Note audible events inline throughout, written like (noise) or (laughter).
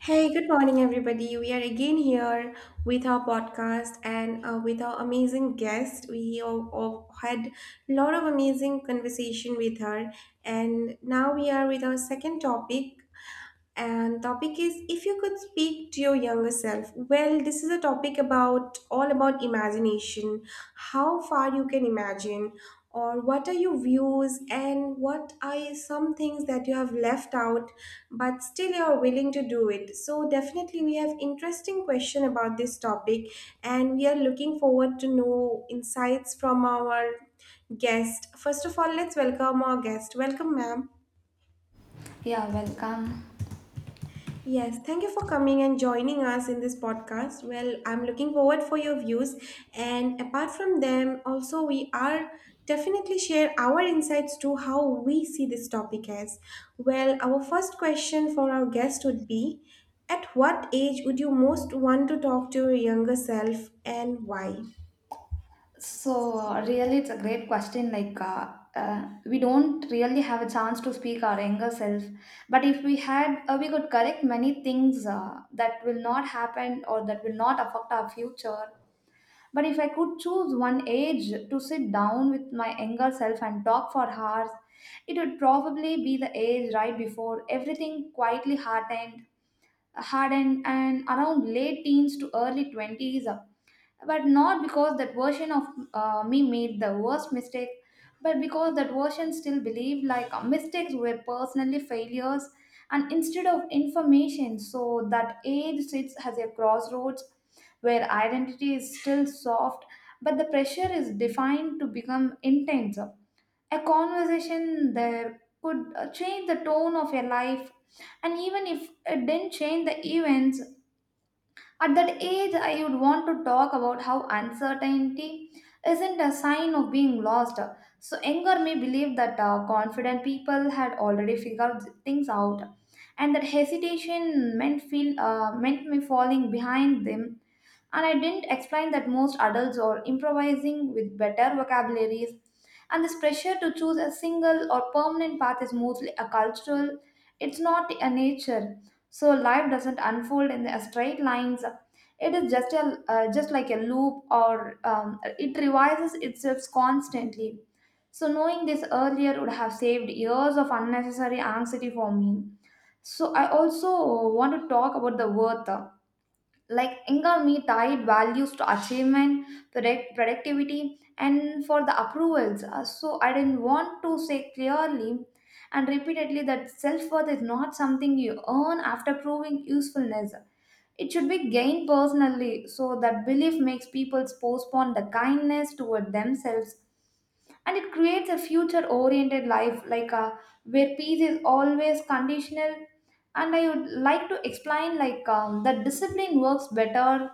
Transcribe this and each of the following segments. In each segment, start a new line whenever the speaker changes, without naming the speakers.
Hey, good morning, everybody. We are again here with our podcast and with our amazing guest. We all had a lot of amazing conversation with her, and now we are with our second topic, and topic is if you could speak to your younger self. Well, this is a topic about all about imagination, how far you can imagine, or what are your views and what are some things that you have left out, but still you are willing to do it. So definitely we have interesting question about this topic, and we are looking forward to know insights from our guest. First of all, let's welcome our guest. Welcome, ma'am.
Yeah, welcome.
Yes, thank you for coming and joining us in this podcast. Well, I'm looking forward for your views, and apart from them also we are definitely share our insights to how we see this topic as. Well, our first question for our guest would be, at what age would you most want to talk to your younger self and why?
Really, it's a great question. We don't really have a chance to speak our younger self, but if we had, we could correct many things that will not happen or that will not affect our future. But if I could choose one age to sit down with my younger self and talk for hours, it would probably be the age right before everything quietly hardened, and around late teens to early 20s, but not because that version of me made the worst mistake, but because that version still believed mistakes were personally failures and instead of information. So that age sits as a crossroads where identity is still soft but the pressure is defined to become intense. A conversation there could change the tone of your life, and even if it didn't change the events at that age, I would want to talk about how uncertainty isn't a sign of being lost. So, Enger may believe that confident people had already figured things out, and that hesitation meant me falling behind them. And I didn't explain that most adults are improvising with better vocabularies, and this pressure to choose a single or permanent path is mostly a cultural. It's not a nature. So life doesn't unfold in the straight lines, it is just a just like a loop, or it revises itself constantly. So knowing this earlier would have saved years of unnecessary anxiety for me. So I also want to talk about the worth. Like Ingami tied values to achievement, product, productivity, and for the approvals. So I didn't want to say clearly and repeatedly that self worth is not something you earn after proving usefulness. It should be gained personally, so that belief makes people postpone the kindness toward themselves, and it creates a future oriented life like a where peace is always conditional. And I would like to explain that discipline works better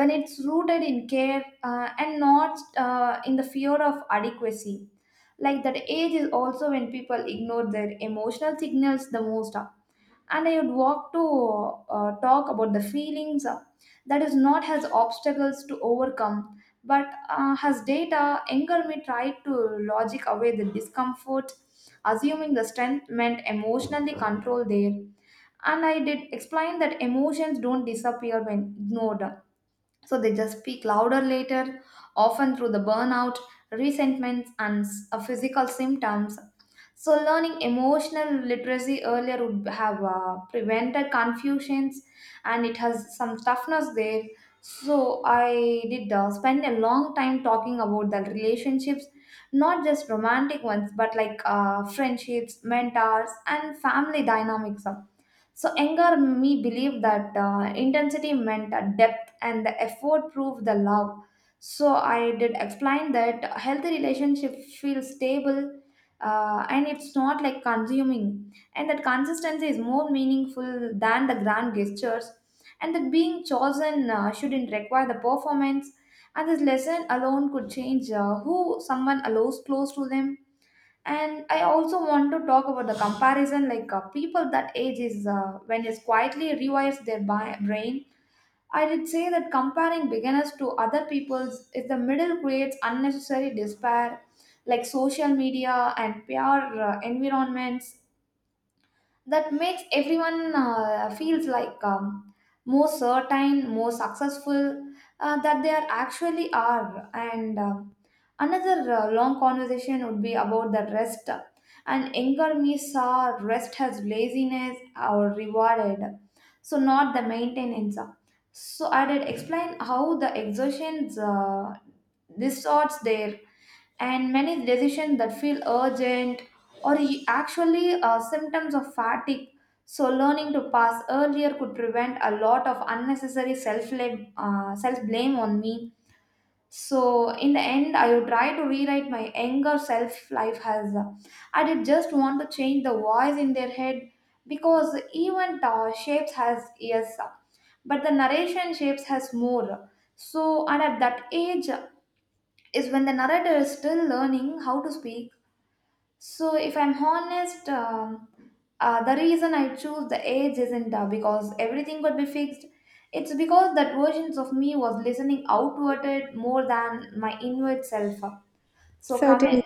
when it's rooted in care, and not in the fear of adequacy. Like that age is also when people ignore their emotional signals the most, and I would walk to talk about the feelings that is not has obstacles to overcome, but has data. Anger may try to logic away the discomfort, assuming the strength meant emotionally control there. And I did explain that emotions don't disappear when ignored. So they just speak louder later, often through the burnout, resentments, and physical symptoms. So learning emotional literacy earlier would have prevented confusions, and it has some toughness there. So I did spend a long time talking about the relationships, not just romantic ones, but like friendships, mentors, and family dynamics. So Iyengar me believed that intensity meant depth and the effort proved the love. So I did explain that a healthy relationship feels stable, and it's not like consuming, and that consistency is more meaningful than the grand gestures, and that being chosen shouldn't require the performance. And this lesson alone could change who someone allows close to them. And I also want to talk about the comparison, like people that age is when it quietly rewires their brain. I did say that comparing beginners to other people's is the middle creates unnecessary despair, like social media and peer environments that makes everyone feels like more certain, more successful that they are actually are. And another long conversation would be about the rest. And anger me saw rest as laziness or rewarded, so not the maintenance. So I did explain how the exertions distorts there, and many decisions that feel urgent or actually symptoms of fatigue. So, learning to pass earlier could prevent a lot of unnecessary self blame self blame on me. So, in the end, I would try to rewrite my anger self life as I did just want to change the voice in their head because even shapes has ears, but the narration shapes has more. So, and at that age is when the narrator is still learning how to speak. So, if I'm honest, the reason I choose the age isn't because everything could be fixed. It's because that versions of me was listening outward it more than my inward self. So coming,
Certainly.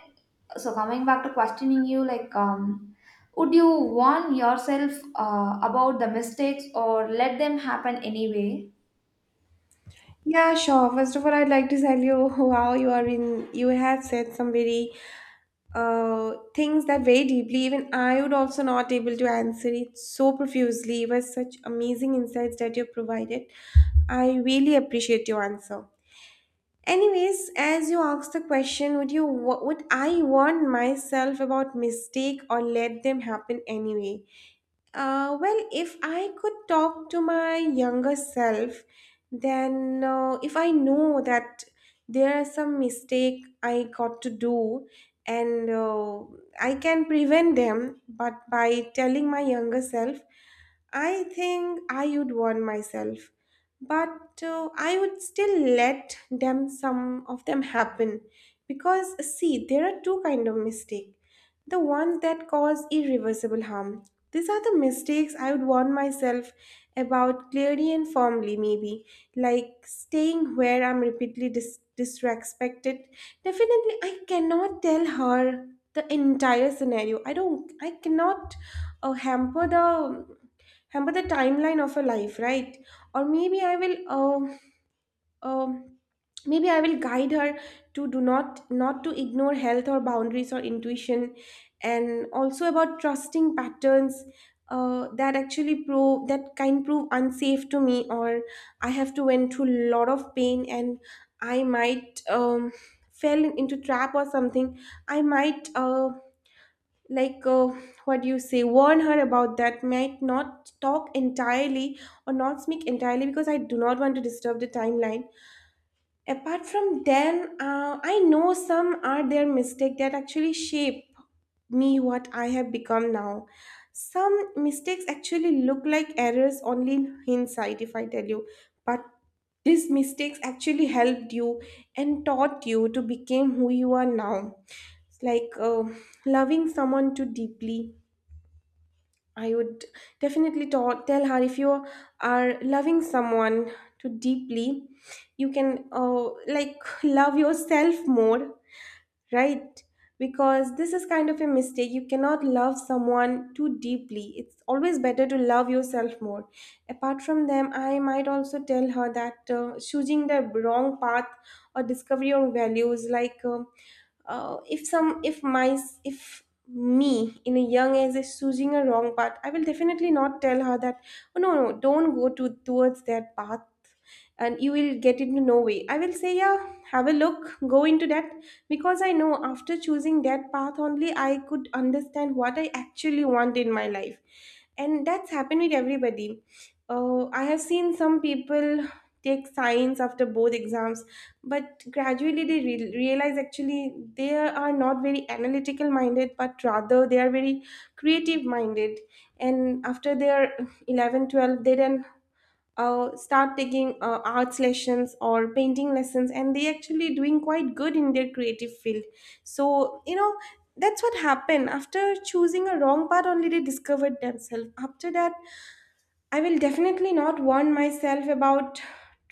so coming back to questioning you, would you warn yourself about the mistakes or let them happen anyway?
Yeah, sure. First of all, I'd like to tell you, (laughs) wow, you have said some very things that very deeply even I would also not able to answer it so profusely. It was such amazing insights that you provided. I really appreciate your answer. Anyways, as you asked the question, would I warn myself about mistake or let them happen anyway? Well, if I could talk to my younger self, then if I know that there are some mistake I got to do, and I can prevent them, but by telling my younger self, I think I would warn myself. But I would still let them some of them happen because see, there are two kind of mistake. The ones that cause irreversible harm, these are the mistakes I would warn myself about clearly and firmly, maybe, like staying where I'm repeatedly disrespected. Definitely, I cannot tell her the entire scenario. I don't. I cannot hamper the timeline of her life, right? Or maybe I will. Um, maybe I will guide her to do not to ignore health or boundaries or intuition, and also about trusting patterns that actually prove that can prove unsafe to me. Or I have to went through a lot of pain, and I might fell into trap or something. I might like, what do you say, warn her about that, might not talk entirely or not speak entirely because I do not want to disturb the timeline. Apart from them, I know some are their mistake that actually shape me what I have become now. Some mistakes actually look like errors only in hindsight if I tell you, but these mistakes actually helped you and taught you to become who you are now. It's like, loving someone too deeply. I would definitely tell her, if you are loving someone too deeply, you can, like, love yourself more, right? Because this is kind of a mistake. You cannot love someone too deeply. It's always better to love yourself more. Apart from them, I might also tell her that, choosing the wrong path or discover your values, like, if some if me in a young age is choosing a wrong path, I will definitely not tell her that, oh no, no, don't go to towards that path and you will get into no way. I will say, yeah, have a look, go into that, because I know after choosing that path only I could understand what I actually want in my life. And that's happened with everybody. I have seen some people take science after both exams, but gradually they realize actually they are not very analytical minded, but rather they are very creative minded. And after their 11, 12, they then start taking arts lessons or painting lessons, and they actually doing quite good in their creative field. So you know, that's what happened. After choosing a wrong path only, they discovered themselves after that. I will definitely not warn myself about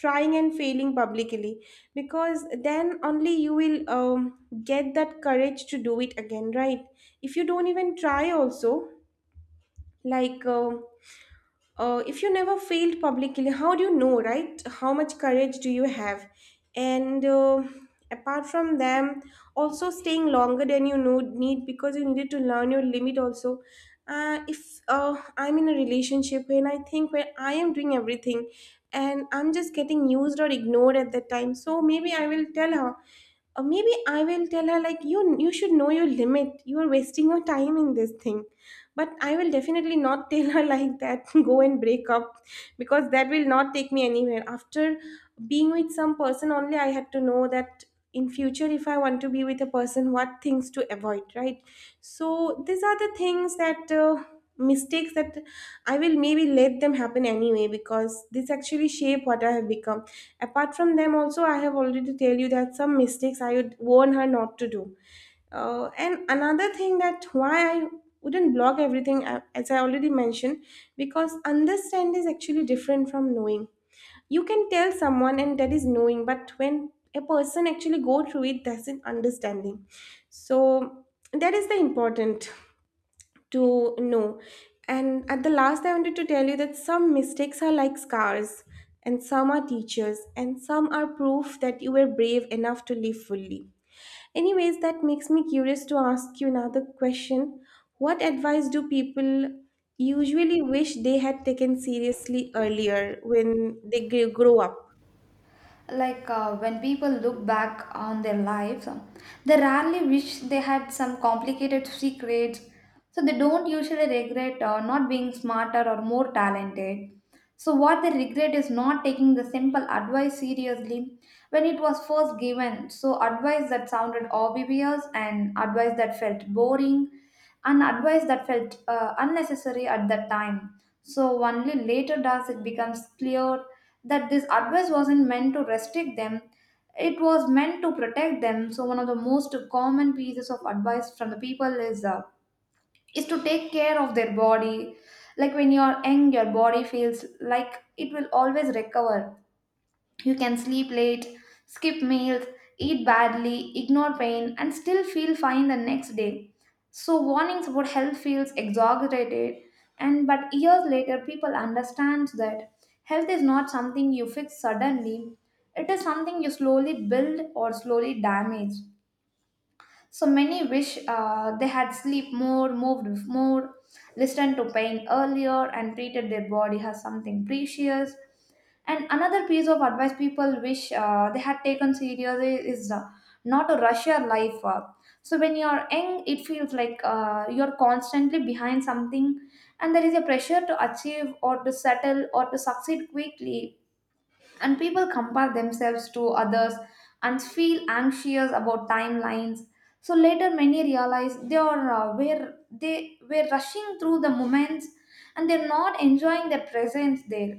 trying and failing publicly, because then only you will, get that courage to do it again, right? If you don't even try also, like, if you never failed publicly, how do you know, right? How much courage do you have? And apart from them, also staying longer than need, because you needed to learn your limit also. If, I'm in a relationship and I think where I am doing everything and I'm just getting used or ignored at that time, so maybe I will tell her, or maybe I will tell her like, you should know your limit. You are wasting your time in this thing. But I will definitely not (laughs) tell her like that (laughs) go and break up, because that will not take me anywhere. After being with some person only, I had to know that in future if I want to be with a person, what things to avoid, right? So these are the things that, mistakes that I will maybe let them happen anyway, because this actually shape what I have become. Apart from them, also, I have already tell you that some mistakes I would warn her not to do. And another thing that why I wouldn't blog everything, as I already mentioned, because understand is actually different from knowing. You can tell someone, and that is knowing, but when a person actually go through it, that's an understanding. So that is the important to know. And at the last, I wanted to tell you that some mistakes are like scars, and some are teachers, and some are proof that you were brave enough to live fully. Anyways, that makes me curious to ask you another question. What advice do people usually wish they had taken seriously earlier when they grow up?
When people look back on their lives, they rarely wish they had some complicated secrets. So they don't usually regret not being smarter or more talented. So what they regret is not taking the simple advice seriously when it was first given. So advice that sounded obvious, and advice that felt boring, an advice that felt unnecessary at that time. So, only later does it becomes clear that this advice wasn't meant to restrict them, it was meant to protect them. So, one of the most common pieces of advice from the people is to take care of their body. Like when you're young, your body feels like it will always recover. You can sleep late, skip meals, eat badly, ignore pain, and still feel fine the next day. So warnings about health feels exaggerated, and but years later people understand that health is not something you fix suddenly. It is something you slowly build or slowly damage. So many wish they had sleep more, moved more, listened to pain earlier, and treated their body as something precious. And another piece of advice people wish they had taken seriously is not to rush your life up. So when you're young, it feels like you're constantly behind something, and there is a pressure to achieve or to settle or to succeed quickly, and people compare themselves to others and feel anxious about timelines. So later many realize they are were they were rushing through the moments and they're not enjoying their presence there.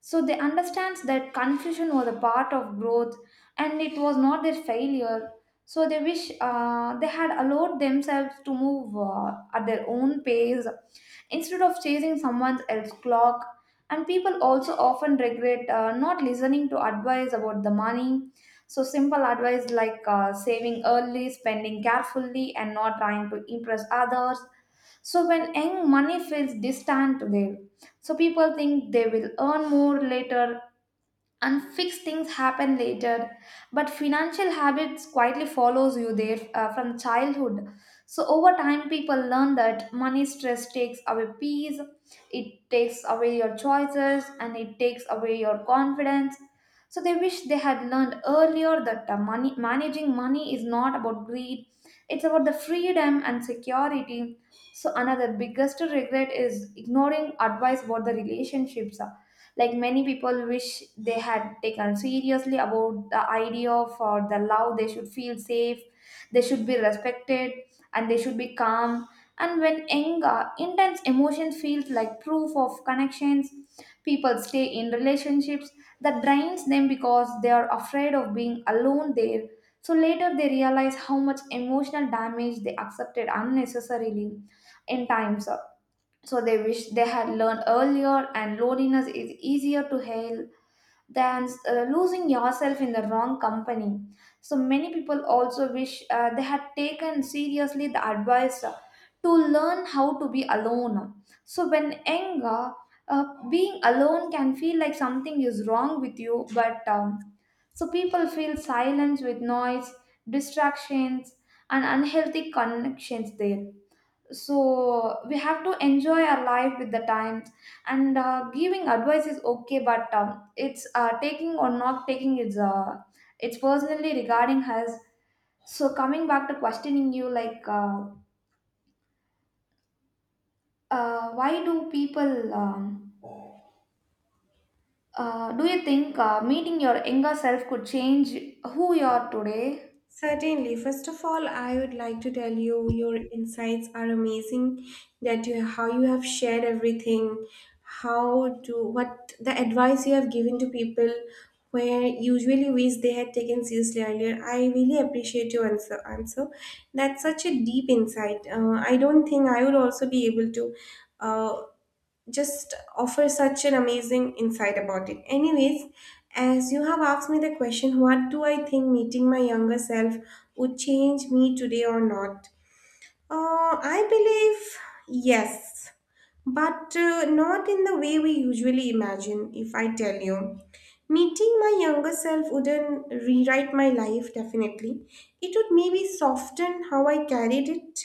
So they understand that confusion was a part of growth and it was not their failure. So they wish they had allowed themselves to move at their own pace instead of chasing someone else's clock. And people also often regret not listening to advice about the money. So, simple advice like saving early, spending carefully, and not trying to impress others. So, when young, money feels distant to them, so people think they will earn more later. Unfixed things happen later, but financial habits quietly follows you there from childhood. So over time people learn that money stress takes away peace, it takes away your choices, and it takes away your confidence. So they wish they had learned earlier that money managing money is not about greed, it's about the freedom and security. So another biggest regret is ignoring advice about the relationships. Many people wish they had taken seriously about the idea of or the love. They should feel safe, they should be respected, and they should be calm. And when anger intense emotion feels like proof of connections, people stay in relationships that drains them because they are afraid of being alone there. So later they realize how much emotional damage they accepted unnecessarily in times. So they wish they had learned earlier, and loneliness is easier to heal than losing yourself in the wrong company. So many people also wish they had taken seriously the advice to learn how to be alone. So when anger being alone can feel like something is wrong with you, but so people feel silence with noise, distractions, and unhealthy connections there. So we have to enjoy our life with the times. And giving advice is okay, but it's taking or not taking is it's personally regarding us. So coming back to questioning you, why do people, do you think meeting your younger self could change who you are today?
Certainly. First of all, I would like to tell you your insights are amazing. That you, how you have shared everything, how to what the advice you have given to people where usually wish they had taken seriously earlier. I really appreciate your answer. Answer. That's such a deep insight. I don't think I would also be able to, uh, just offer such an amazing insight about it. Anyways, as you have asked me the question, what do I think meeting my younger self would change me today or not? I believe yes, but not in the way we usually imagine, if I tell you. Meeting my younger self wouldn't rewrite my life, definitely. It would maybe soften how I carried it.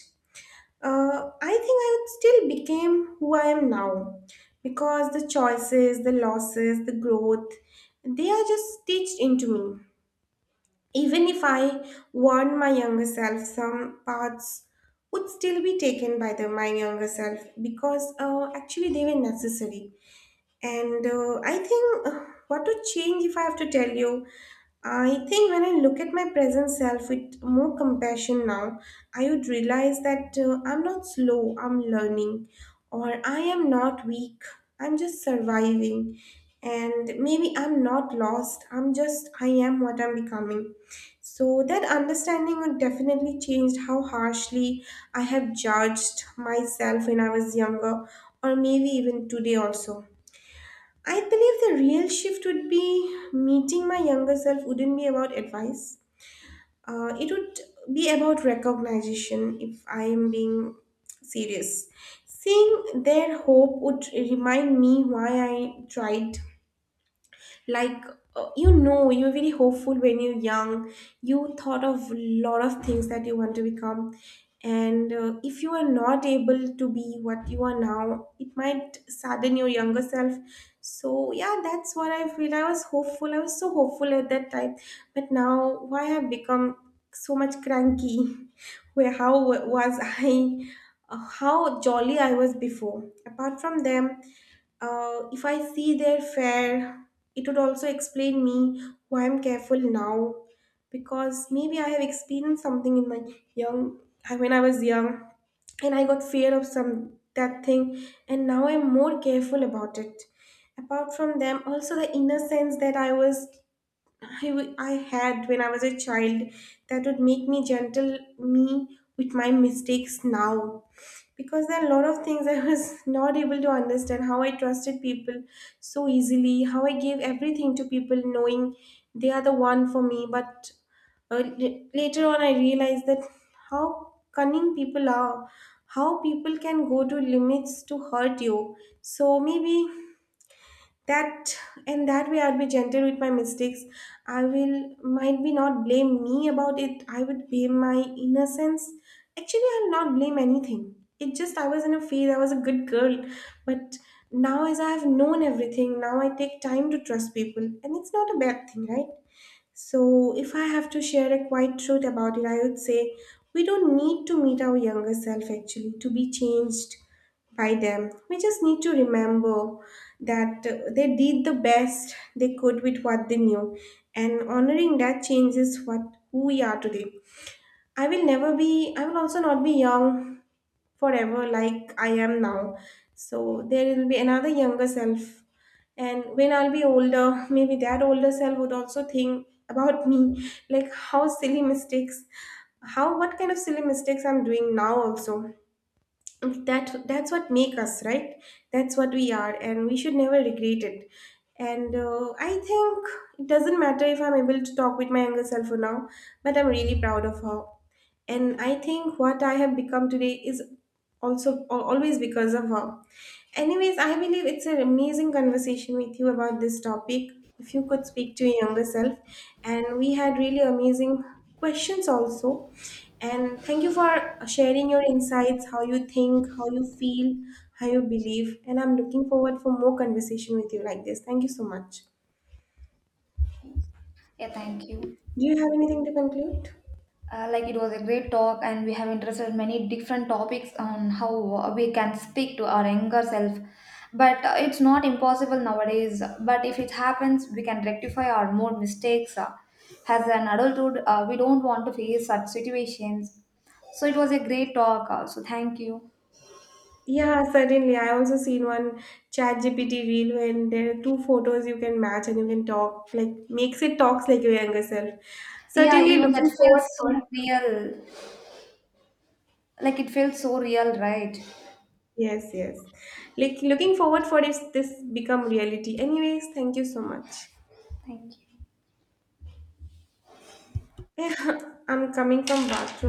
I think I would still became who I am now, because the choices, the losses, the growth, they are just stitched into me. Even if I warned my younger self, some parts would still be taken by the my younger self, because actually they were necessary. And I think, what to change if I have to tell you. I think when I look at my present self with more compassion now, I would realize that, I'm not slow, I'm learning, or I am not weak, I'm just surviving. And maybe I'm not lost, I am what I'm becoming. So that understanding would definitely change how harshly I have judged myself when I was younger, or maybe even today also. I believe the real shift would be, meeting my younger self wouldn't be about advice. It would be about recognition, if I am being serious. Seeing their hope would remind me why I tried, like, you know, you were very hopeful when you're young. You thought of lot of things that you want to become, and if you are not able to be what you are now, it might sadden your younger self. So yeah, that's what I feel. I was hopeful, I was so hopeful at that time, but now why I've become so much cranky. (laughs) Where, how was I, how jolly I was before. Apart from them, if I see their fare, it would also explain me why I'm careful now, because maybe I have experienced something in my young when I was young, and I got fear of some that thing, and now I'm more careful about it. Apart from them, also the innocence that I had when I was a child, that would make me gentle me with my mistakes now, because there are a lot of things I was (laughs) not able to understand, how I trusted people so easily, how I gave everything to people knowing they are the one for me. But later on, I realized that how cunning people are, how people can go to limits to hurt you. So maybe that, and that way, I'll be gentle with my mistakes. I will Might be not blame me about it. I would blame my innocence. Actually, I'll not blame anything. It just, I was in a phase, I was a good girl. But now, as I have known everything, now I take time to trust people, and it's not a bad thing, right? So, if I have to share a quiet truth about it, I would say, we don't need to meet our younger self actually to be changed by them. We just need to remember that, they did the best they could with what they knew, and honoring that changes what who we are today. I will also not be young forever like I am now. So there will be another younger self. And when I'll be older, maybe that older self would also think about me, like, how silly mistakes how what kind of silly mistakes I'm doing now also. That's what make us, right? That's what we are, and we should never regret it. And I think it doesn't matter if I'm able to talk with my younger self for now, but I'm really proud of her. And I think what I have become today is also always because of her. Anyways, I believe it's an amazing conversation with you about this topic, if you could speak to your younger self, and we had really amazing questions also. And thank you for sharing your insights, how you think, how you feel, how you believe, and I'm looking forward for more conversation with you like this. Thank you so much.
Yeah, thank you.
Do you have anything to conclude?
Like it was a great talk, and we have interested many different topics on how we can speak to our younger self. But it's not impossible nowadays. But if it happens, we can rectify our more mistakes. As an adulthood, we don't want to face such situations. So it was a great talk. So thank you.
Yeah, certainly. I also seen one ChatGPT reel when there are two photos you can match and you can talk, like, makes it talks like your younger self.
Yeah,
Certainly
even that
looking forward
feels
for.
so real. Like it feels so real, right?
Yes, yes. Like, looking forward for if this become reality. Anyways, thank you so much.
Thank you.
(laughs) I'm coming from bathroom.